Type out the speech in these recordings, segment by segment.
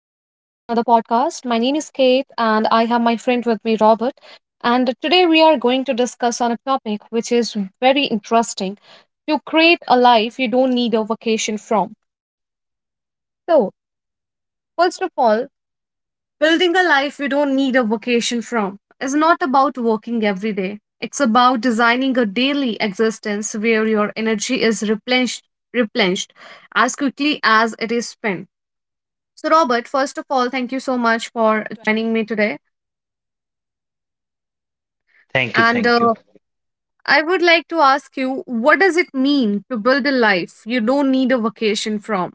podcast. My name is Kate, and I have my friend with me, Robert. And today we are going to discuss on a topic which is very interesting to create a life you don't need a vacation from. So, first of all, building a life you don't need a vacation from is not about working every day. It's about designing a daily existence where your energy is replenished, replenished as quickly as it is spent. So, Robert, first of all, thank you so much for joining me today. Thank you, And thank you. I would like to ask you, what does it mean to build a life you don't need a vacation from?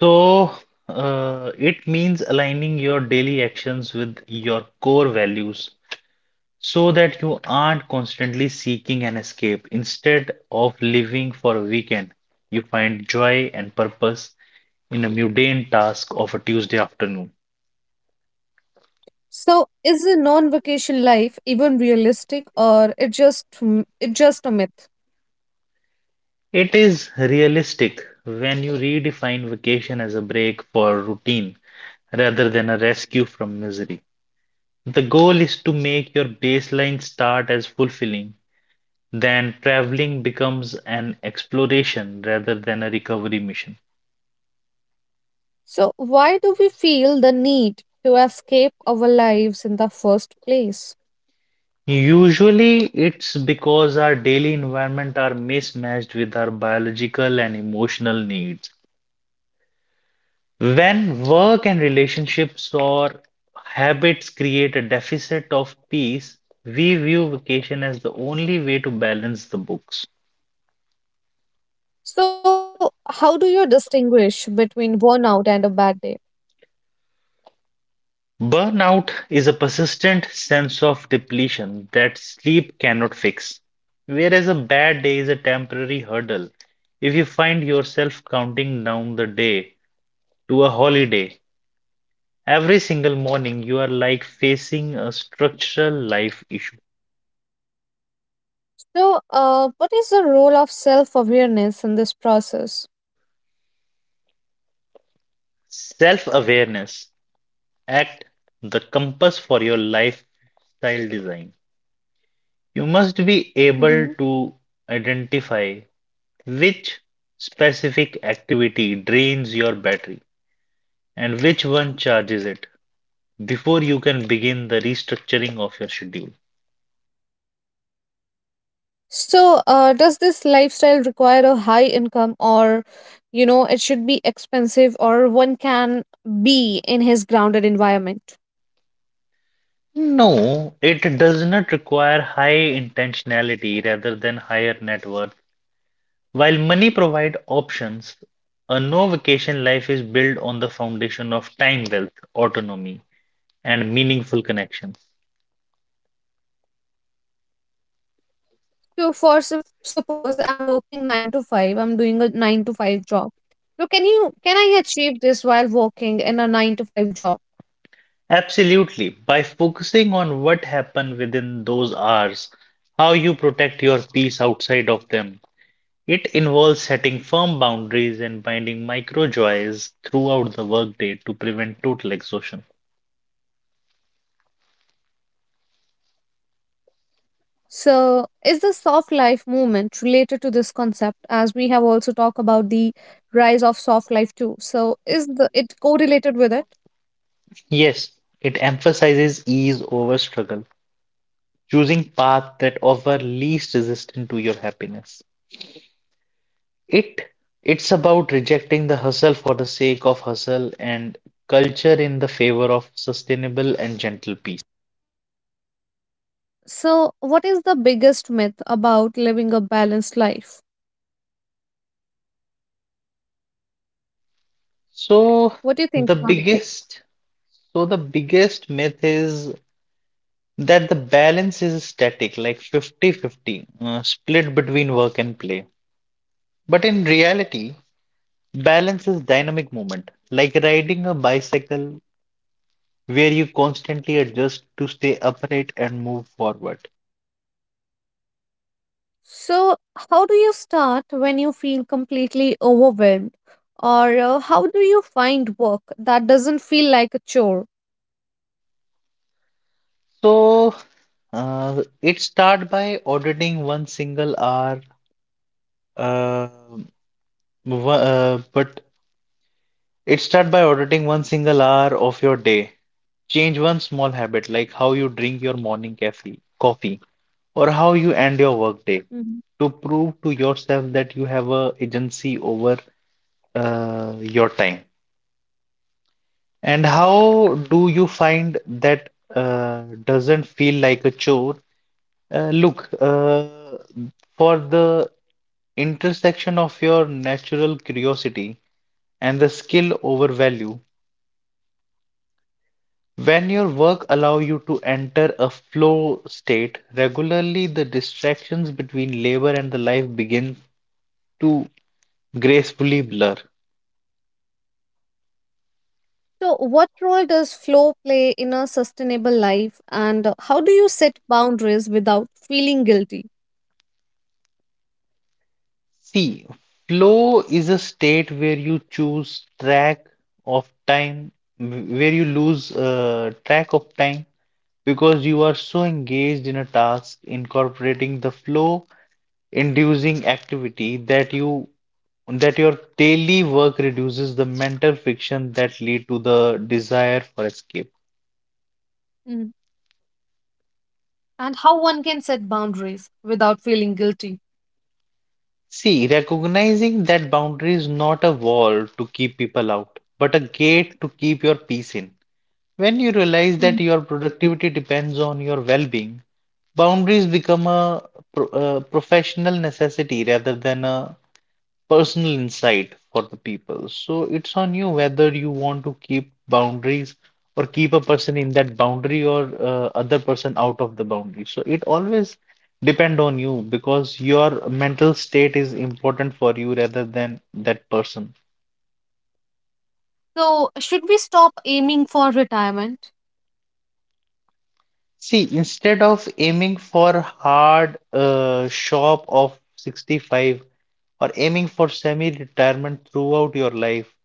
So, it means aligning your daily actions with your core values so that you aren't constantly seeking an escape. Instead of living for a weekend, you find joy and purpose in a mundane task of a Tuesday afternoon. So, is a non-vacation life even realistic, or it just a myth? It is realistic when you redefine vacation as a break for routine rather than a rescue from misery. The goal is to make your baseline start as fulfilling, then traveling becomes an exploration rather than a recovery mission. So, why do we feel the need to escape our lives in the first place? Usually, it's because our daily environment are mismatched with our biological and emotional needs. When work and relationships or habits create a deficit of peace, we view vacation as the only way to balance the books. So, how do you distinguish between burnout and a bad day? Burnout is a persistent sense of depletion that sleep cannot fix. Whereas a bad day is a temporary hurdle, if you find yourself counting down the day to a holiday, every single morning you are like facing a structural life issue. So, what is the role of self awareness in this process? Self awareness, act the compass for your lifestyle design. You must be Hmm. able to identify which specific activity drains your battery and which one charges it before you can begin the restructuring of your schedule. So, does this lifestyle require a high income, or it should be expensive, or one can be in his grounded environment? No, it does not require high intentionality rather than higher net worth. While money provides options, a no vacation life is built on the foundation of time wealth, autonomy, and meaningful connections. So, suppose I'm working nine to five, I'm doing a nine to five job. So, can I achieve this while working in a nine to five job? Absolutely. By focusing on what happened within those hours, how you protect your peace outside of them, it involves setting firm boundaries and finding micro joys throughout the workday to prevent total exhaustion. So, is the soft life movement related to this concept? As we have also talked about the rise of soft life too. So, is the it correlated with it? Yes, it emphasizes ease over struggle, choosing paths that offer least resistance to your happiness. It it's about rejecting the hustle for the sake of hustle and culture in the favor of sustainable and gentle peace. So, what is the biggest myth about living a balanced life? So What do you think the about that? biggest so the biggest myth is that the balance is static, like fifty-fifty, split between work and play. But in reality, balance is dynamic movement, like riding a bicycle where you constantly adjust to stay upright and move forward. So, how do you start when you feel completely overwhelmed? Or how do you find work that doesn't feel like a chore? So it start by auditing one single hour, uh, wo- but it start by auditing one single hour of your day. Change one small habit, like how you drink your morning cafe, coffee, or how you end your Mhm. workday, to prove to yourself that you have a agency over your time. And how do you find that doesn't feel like a chore? Look, for the intersection of your natural curiosity and the skill over value. When your work allow you to enter a flow state regularly, the distractions between labor and the life begin to gracefully blur. So, what role does flow play in a sustainable life? And how do you set boundaries without feeling guilty? See, flow is a state where of time, you lose track of time because you are so engaged in a task, incorporating the flow inducing activity that your daily work reduces the mental friction that lead to the desire for escape. Mhm. And how one can set boundaries without feeling guilty? See, recognizing that boundary is not a wall to keep people out, but a gate to keep your peace in. When you realize that Mhm. your productivity depends on your well-being, boundaries become a professional necessity rather than a personal insight for the people. So it's on you whether you want to keep boundaries or keep a person in that boundary or, other person out of the boundary. So it always depend on you because your mental state is important for you rather than that person. So, should we stop aiming for retirement? See, instead of aiming for hard shop of 65 or aiming for semi-retirement throughout your life,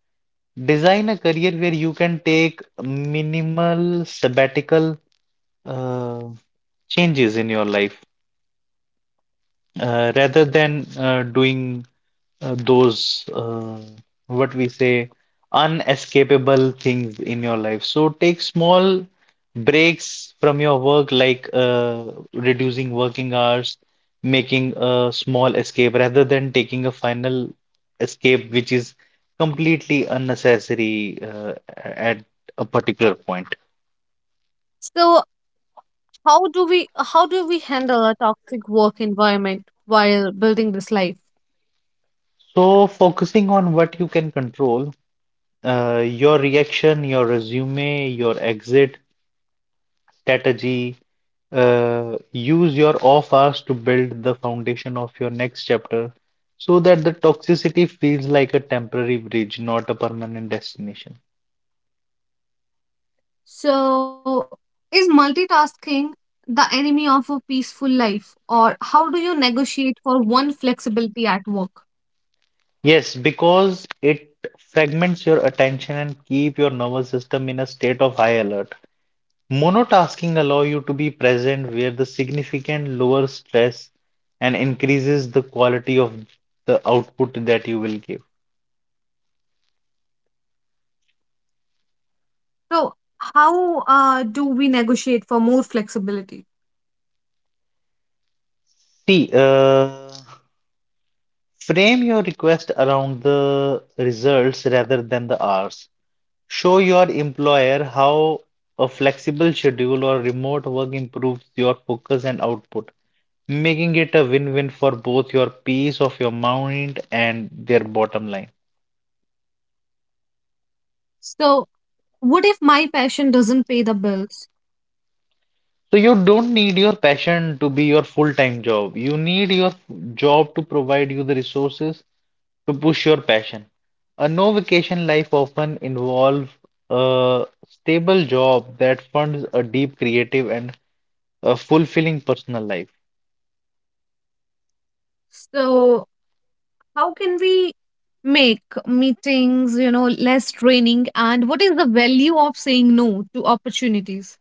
design a career where you can take minimal sabbatical uh, changes in your life, rather than doing those what we say unescapable things in your life. So take small breaks from your work, like reducing working hours, making a small escape rather than taking a final escape, which is completely unnecessary at a particular point. So, how do we handle a toxic work environment while building this life? So focusing on what you can control, your reaction, your resume, your exit strategy, use your off hours to build the foundation of your next chapter so that the toxicity feels like a temporary bridge, not a permanent destination. So, is multitasking the enemy of a peaceful life, or how do you negotiate for one flexibility at work? Yes, because it fragments your attention and keep your nervous system in a state of high alert. Monotasking allow you to be present where the significant lower stress and increases the quality of the output that you will give. So, how do we negotiate for more flexibility? See, uh, Frame your request around the results rather than the hours. Show your employer how a flexible schedule or remote work improves your focus and output, making it a win-win for both your peace of your mind and their bottom line. So, what if my passion doesn't pay the bills? So you don't need your passion to be your full-time job. You need your job to provide you the resources to push your passion. A no vacation life often involves a stable job that funds a deep creative and a fulfilling personal life. So, how can we make meetings less draining? And what is the value of saying no to opportunities?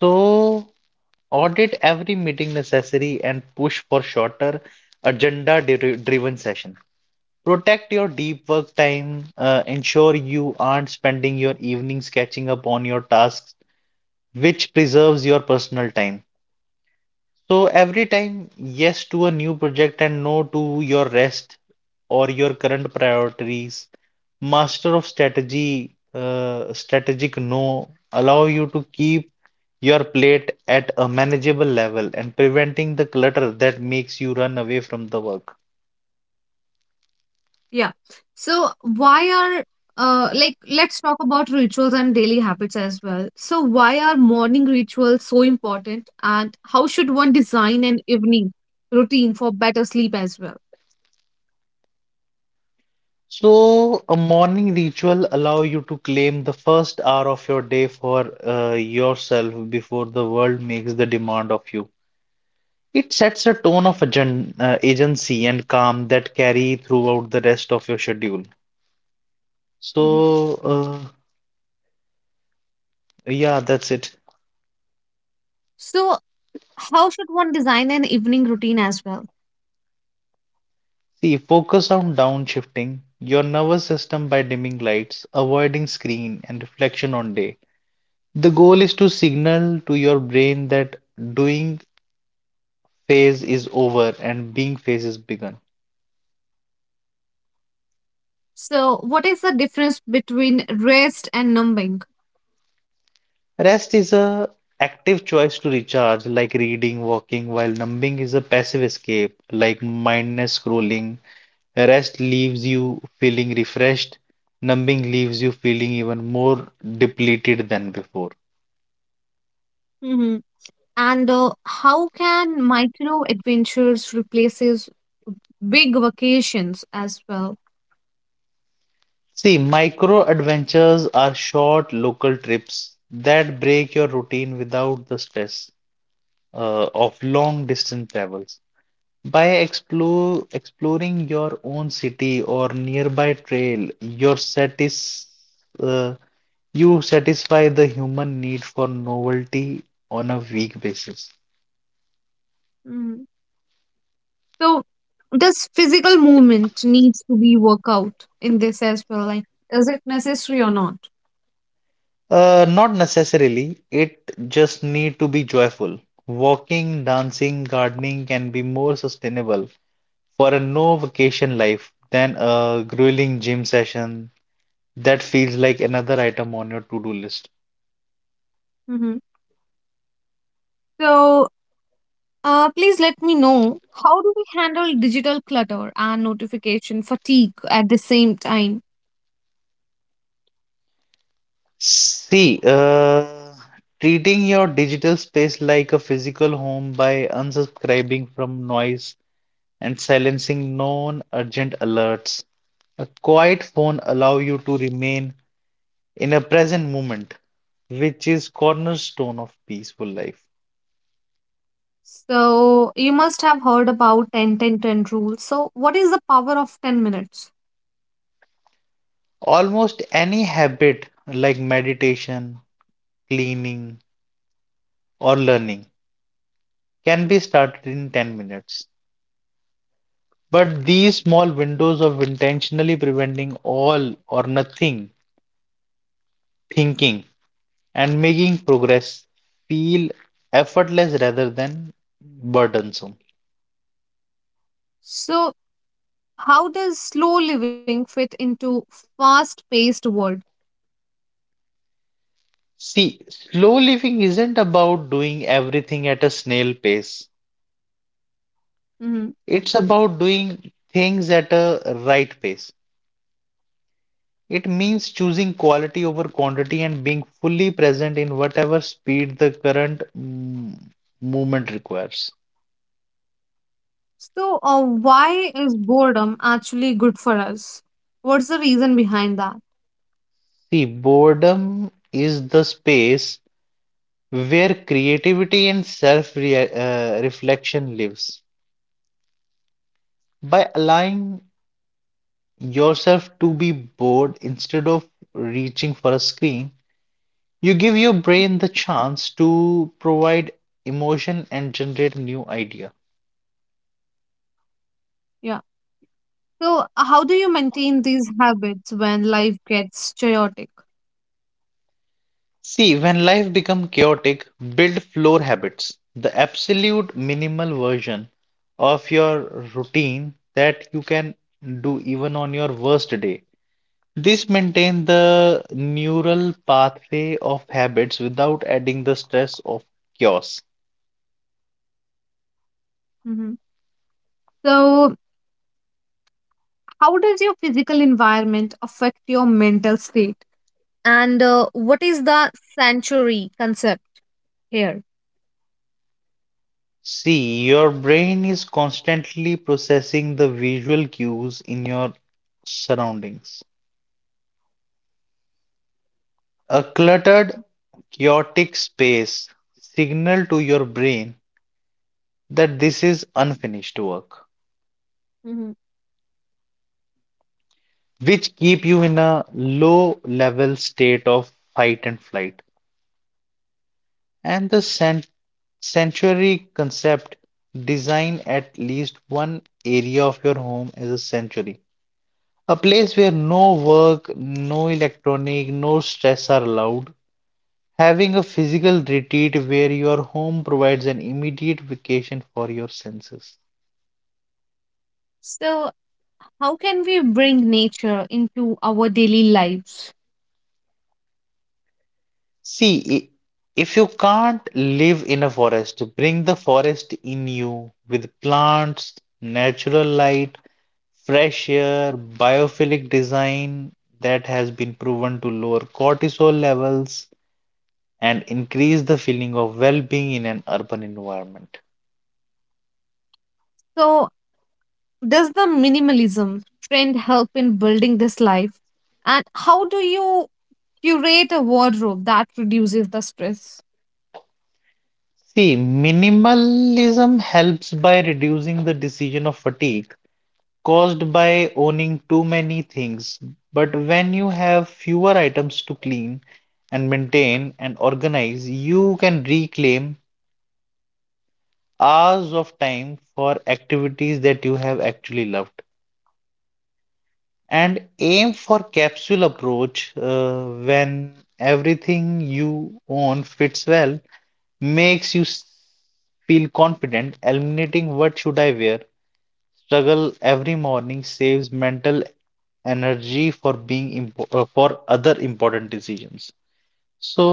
So, audit every meeting necessary and push for shorter driven session. Protect your deep work time, ensure you aren't spending your evenings catching up on your tasks, which preserves your personal time. So every time, yes to a new project and no to your rest or your current priorities, strategic no, allow you to keep your plate at a manageable level and preventing the clutter that makes you run away from the work. Yeah. So why are like, let's talk about rituals and daily habits as well. So why are morning rituals so important, and how should one design an evening routine for better sleep as well? So a morning ritual allow you to claim the first hour of your day for yourself before the world makes the demand of you. It sets a tone of agency and calm that carry throughout the rest of your schedule. Mhm. So, uh, yeah, that's it. So how should one design an evening routine as well? See, focus on downshifting your nervous system by dimming lights, avoiding screen, and reflection on day. The goal is to signal to your brain that doing phase is over and being phase is begun. So what is the difference between rest and numbing? Rest is a active choice to recharge, like reading, walking, while numbing is a passive escape, like mindless scrolling. Rest leaves you feeling refreshed, numbing leaves you feeling even more depleted than before. Hmm. And how can micro adventures replaces big vacations as well? See, micro adventures are short local trips that break your routine without the stress of long distance travels. By exploring your own city or nearby trail, uh, you satisfy the human need for novelty on a weak basis. Mhm. So does physical movement needs to be work out in this as well? Like, is it necessary or not? Not necessarily. It just need to be joyful. Walking, dancing, gardening can be more sustainable for a no vacation life than a grueling gym session that feels like another item on your to-do list. Hmm. So please let me know how do we handle digital clutter and notification fatigue at the same time? See, uh, Treating your digital space like a physical home by unsubscribing from noise and silencing non-urgent alerts. A quiet phone allow you to remain in a present moment, which is cornerstone of peaceful life. So you must have heard about 10 10 10 rule. So what is the power of 10 minutes? Almost any habit like meditation, cleaning, or learning can be started in 10 minutes. But these small windows of intentionally preventing all or nothing thinking and making progress feel effortless rather than burdensome. So how does slow living fit into fast paced world? See, slow living isn't about doing everything at a snail pace. Mhm. It's about doing things at a right pace. It means choosing quality over quantity and being fully present in whatever speed the current movement requires. So why is boredom actually good for us? What's the reason behind that? See, boredom is the space where creativity and self reflection lives. By allowing yourself to be bored instead of reaching for a screen, you give your brain the chance to provide emotion and generate new idea. Yeah. So how do you maintain these habits when life gets chaotic? See, when life becomes chaotic, build floor habits, the absolute minimal version of your routine that you can do even on your worst day. This maintain the neural pathway of habits without adding the stress of chaos. Mhm. So how does your physical environment affect your mental state? And what is the sanctuary concept here? See, your brain is constantly processing the visual cues in your surroundings. A cluttered, chaotic space signal to your brain that this is unfinished work, Hmm. which keep you in a low level state of fight and flight. And sanctuary concept, design at least one area of your home as a sanctuary, a place where no work, no electronic, no stress are allowed. Having a physical retreat where your home provides an immediate vacation for your senses. So how can we bring nature into our daily lives? See, i- if you can't live in a forest, bring the forest in you with plants, natural light, fresh air, biophilic design that has been proven to lower cortisol levels and increase the feeling of well-being in an urban environment. So does the minimalism trend help in building this life, and how do you curate a wardrobe that reduces the stress? See, minimalism helps by reducing the decision of fatigue caused by owning too many things. But when you have fewer items to clean and maintain and organize, you can reclaim hours of time for activities that you have actually loved. And aim for capsule approach when everything you own fits well makes feel confident eliminating what should I wear struggle every morning saves mental energy for being impo for other important decisions. So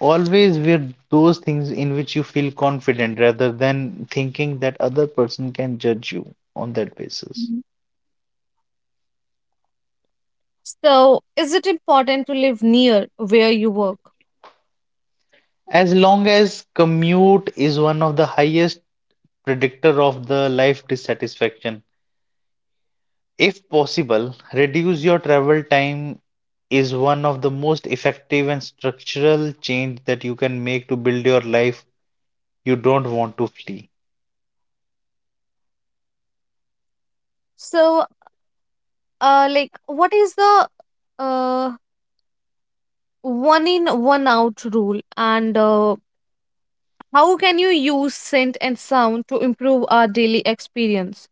always wear those things in which you feel confident rather than thinking that other person can judge you on that basis. Hmm. So is it important to live near where you work? As long as commute is one of the highest predictor of the life dissatisfaction. If possible, reduce your travel time is one of the most effective and structural change that you can make to build your life you don't want to flee. So like, what is the uh one in one out rule, and how can you use scent and sound to improve our daily experience?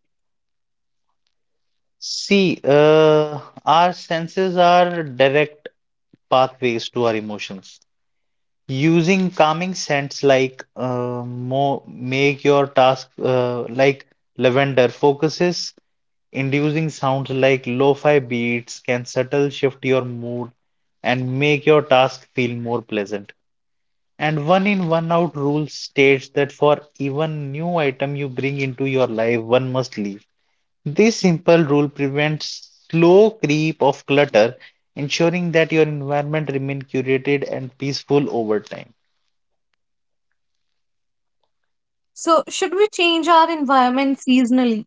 See, our senses are direct pathways to our emotions. Using calming scents like mo make your task like lavender focuses, inducing sounds like lo-fi beats can subtle shift your mood and make your task feel more pleasant. And one in one out rule states that for even new item you bring into your life, one must leave. This simple rule prevents slow creep of clutter, ensuring that your environment remains curated and peaceful over time. So, should we change our environment seasonally,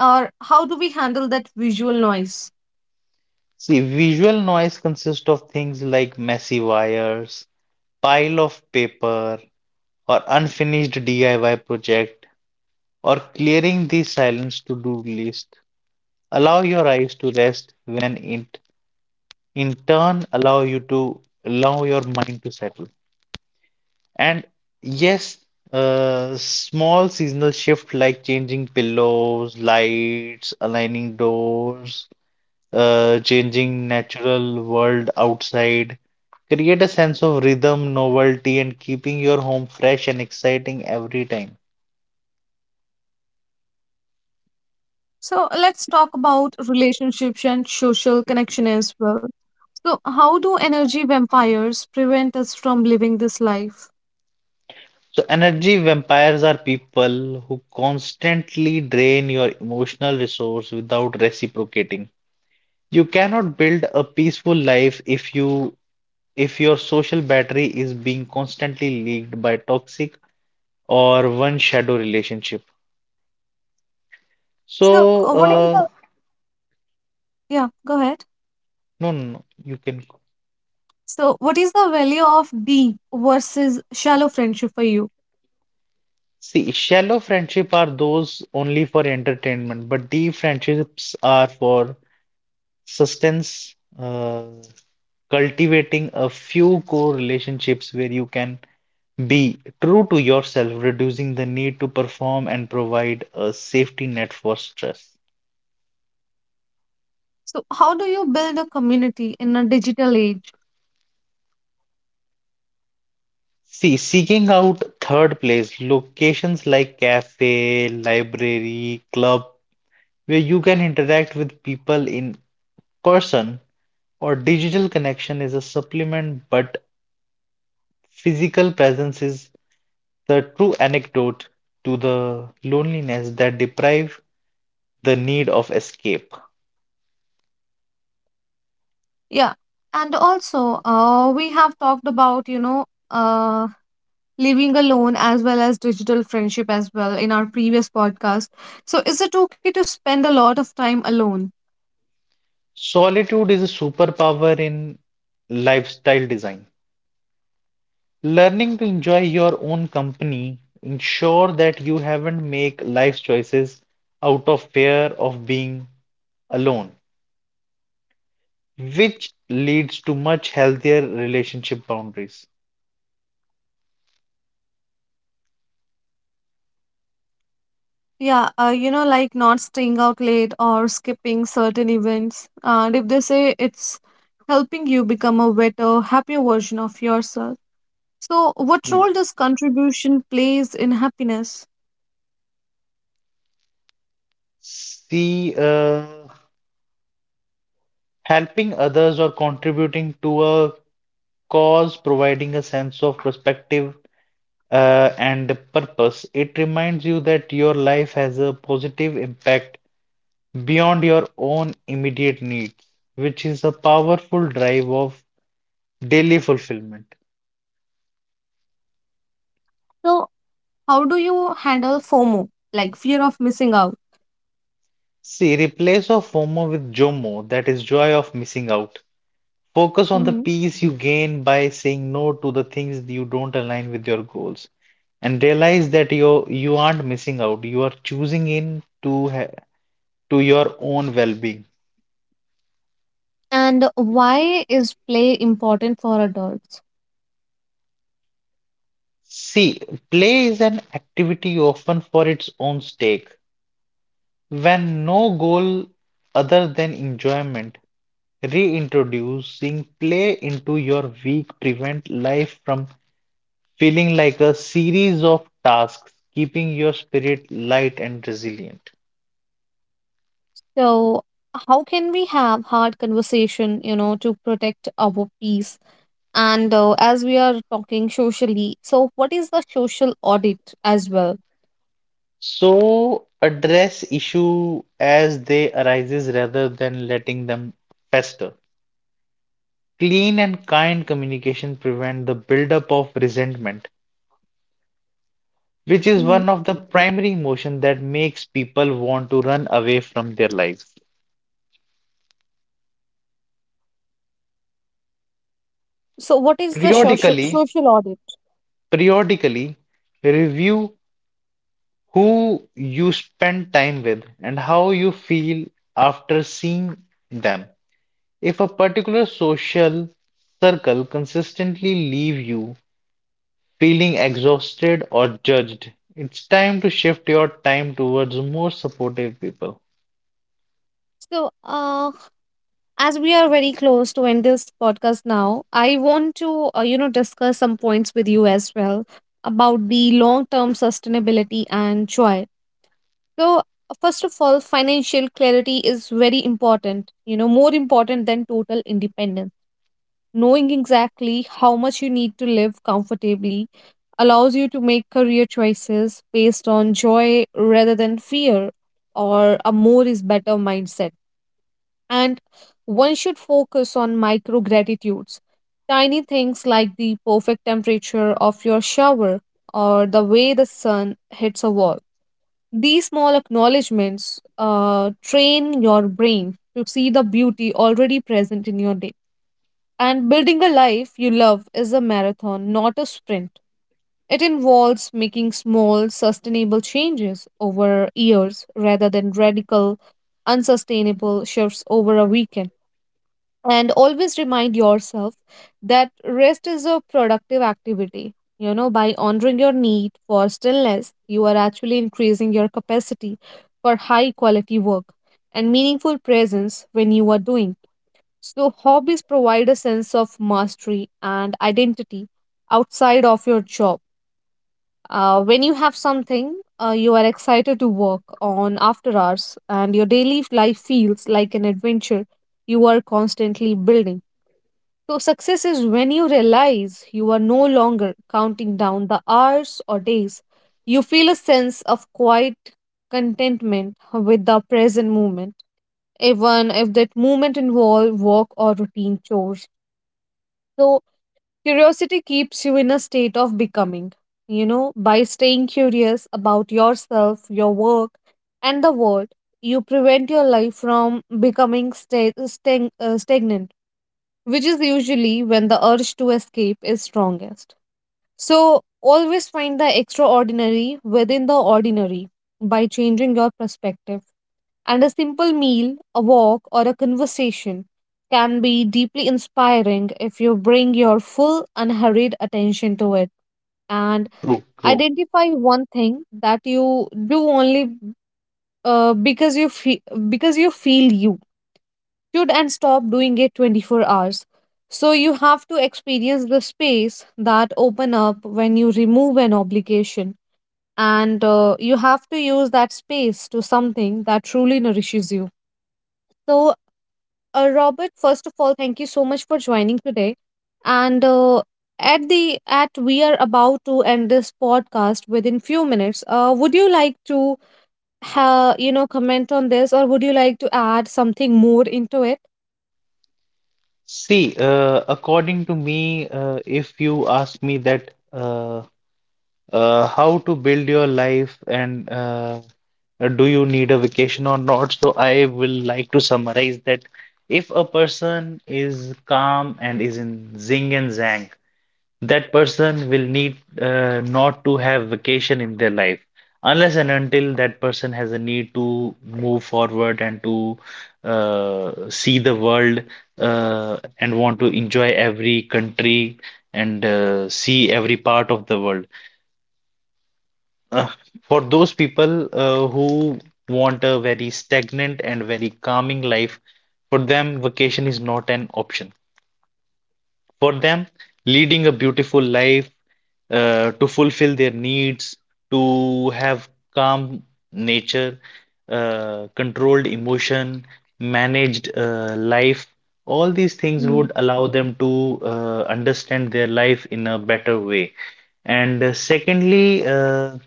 or how do we handle that visual noise? See, visual noise consists of things like messy wires, pile of paper, or unfinished DIY project, or clearing the silence to-do list. Allow your eyes to rest when it in turn allow you to allow your mind to settle. And yes, small seasonal shift like changing pillows, lights, aligning doors, changing natural world outside. Create a sense of rhythm, novelty, and keeping your home fresh and exciting every time. So, let's talk about relationships and social connection as well. So, how do energy vampires prevent us from living this life? So, energy vampires are people who constantly drain your emotional resource without reciprocating. You cannot build a peaceful life if your social battery is being constantly leaked by toxic or one shadow relationship. So, So, yeah, go ahead. no, no, no, you can. So, what is the value of deep versus shallow friendship for you? See, shallow friendship are those only for entertainment, but deep friendships are for sustenance, cultivating a few core relationships where you can be true to yourself, reducing the need to perform and provide a safety net for stress. So, how do you build a community in a digital age? See, seeking out third place, locations like cafe, library, club, where you can interact with people in person or digital connection is a supplement but physical presence is the true antidote to the loneliness that deprive the need of escape. Yeah. And also, we have talked about, uh, living alone as well as digital friendship as well in our previous podcast. So, is it okay to spend a lot of time alone? Solitude is a superpower in lifestyle design. Learning to enjoy your own company ensure that you haven't make life choices out of fear of being alone, which leads to much healthier relationship boundaries. Yeah, like not staying out late or skipping certain events. And if they say it's helping you become a better, happier version of yourself. So, what True. role does contribution plays in happiness? C. Helping others or contributing to a cause, providing a sense of perspective and purpose. It reminds you that your life has a positive impact beyond your own immediate needs, which is a powerful drive of daily fulfillment. So, how do you handle FOMO, like fear of missing out? See, replace of FOMO with JOMO, that is joy of missing out. Focus on the Mm-hmm. peace you gain by saying no to the things you don't align with your goals and realize that you aren't missing out you are choosing in to ha to your own well being. And why is play important for adults? See, play is an activity often for its own stake. When no goal other than enjoyment, reintroducing play into your week prevent life from feeling like a series of tasks, keeping your spirit light and resilient. So, how can we have hard conversation to protect our peace? And as we are talking socially, so what is the social audit as well? So address issue as they arises rather than letting them fester. Clean and kind communication prevent the buildup of resentment, which is Hmm. one of the primary emotions that makes people want to run away from their lives. So, what is the social Periodically, social audit? periodically, review who you spend time with and how you feel after seeing them. If a particular social circle consistently leave you feeling exhausted or judged, it's time to shift your time towards more supportive people. So, as we are very close to end this podcast now, I want to discuss some points with you as well about the long term sustainability and joy. So first of all, financial clarity is very important, more important than total independence. Knowing exactly how much you need to live comfortably allows you to make career choices based on joy rather than fear or a more is better mindset. And one should focus on micro gratitudes. Tiny things like the perfect temperature of your shower or the way the sun hits a wall. These small acknowledgments train your brain to see the beauty already present in your day. And building a life you love is a marathon, not a sprint. It involves making small, sustainable changes over years rather than radical, unsustainable shifts over a weekend. And always remind yourself that rest is a productive activity. By honoring your need for stillness, you are actually increasing your capacity for high quality work and meaningful presence when you are doing. So, hobbies provide a sense of mastery and identity outside of your job. When you have something you are excited to work on after hours, and your daily life feels like an adventure you are constantly building. So, success is when you realize you are no longer counting down the hours or days. You feel a sense of quiet contentment with the present moment, even if that moment involves work or routine chores. So, curiosity keeps you in a state of becoming. By staying curious about yourself, your work, and the world, you prevent your life from becoming stagnant, which is usually when the urge to escape is strongest. So, always find the extraordinary within the ordinary by changing your perspective. And a simple meal, a walk, or a conversation can be deeply inspiring if you bring your full, unhurried attention to it. And True, true. identify one thing that you do only uh, because you feel because you feel you should, and stop doing it 24 hours. So you have to experience the space that open up when you remove an obligation, and you have to use that space to something that truly nourishes you. So Robert, first of all, thank you so much for joining today. And at we are about to end this podcast within few minutes. Would you like to ha you know comment on this, or would you like to add something more into it? See, according to me, if you ask me that how to build your life and do you need a vacation or not, so I will like to summarize that if a person is calm and is in zing and zang, that person will need not to have vacation in their life unless and until that person has a need to move forward and to see the world and want to enjoy every country and see every part of the world. Uh, for those people who want a very stagnant and very calming life, for them, vacation is not an option for them, leading a beautiful life, to fulfill their needs, to have calm nature, controlled emotion, managed life. All these things would allow them to understand their life in a better way. And secondly, uh,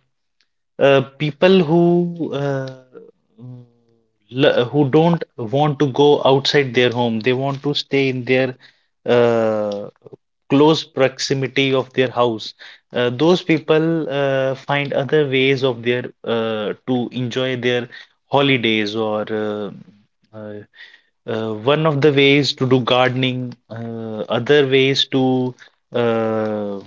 uh, people who mm, who don't want to go outside their home, they want to stay in their uh, close proximity of their house, those people find other ways of their to enjoy their holidays or uh, one of the ways to do gardening, other ways to uh,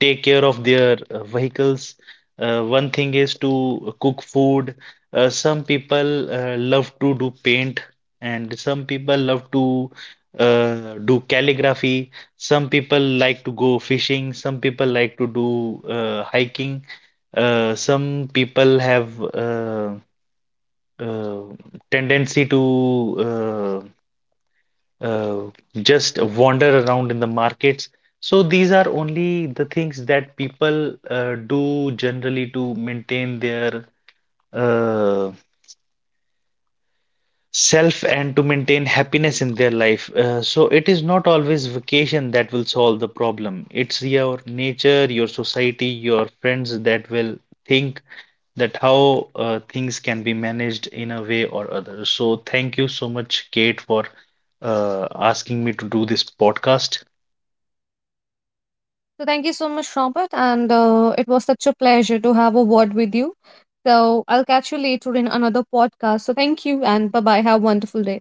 take care of their vehicles. One thing is to cook food. Some people love to do paint, and some people love to do calligraphy. Some people like to go fishing. Some people like to do hiking. Some people have uh, tendency to uh, just wander around in the markets. So these are only the things that people do generally to maintain their uh, self and to maintain happiness in their life. So it is not always vacation that will solve the problem. It's your nature, your society, your friends that will think that how things can be managed in a way or other. So thank you so much, Kate, for asking me to do this podcast. So thank you so much, Robert, and it was such a pleasure to have a word with you. So I'll catch you later in another podcast. So thank you and bye bye. Have a wonderful day.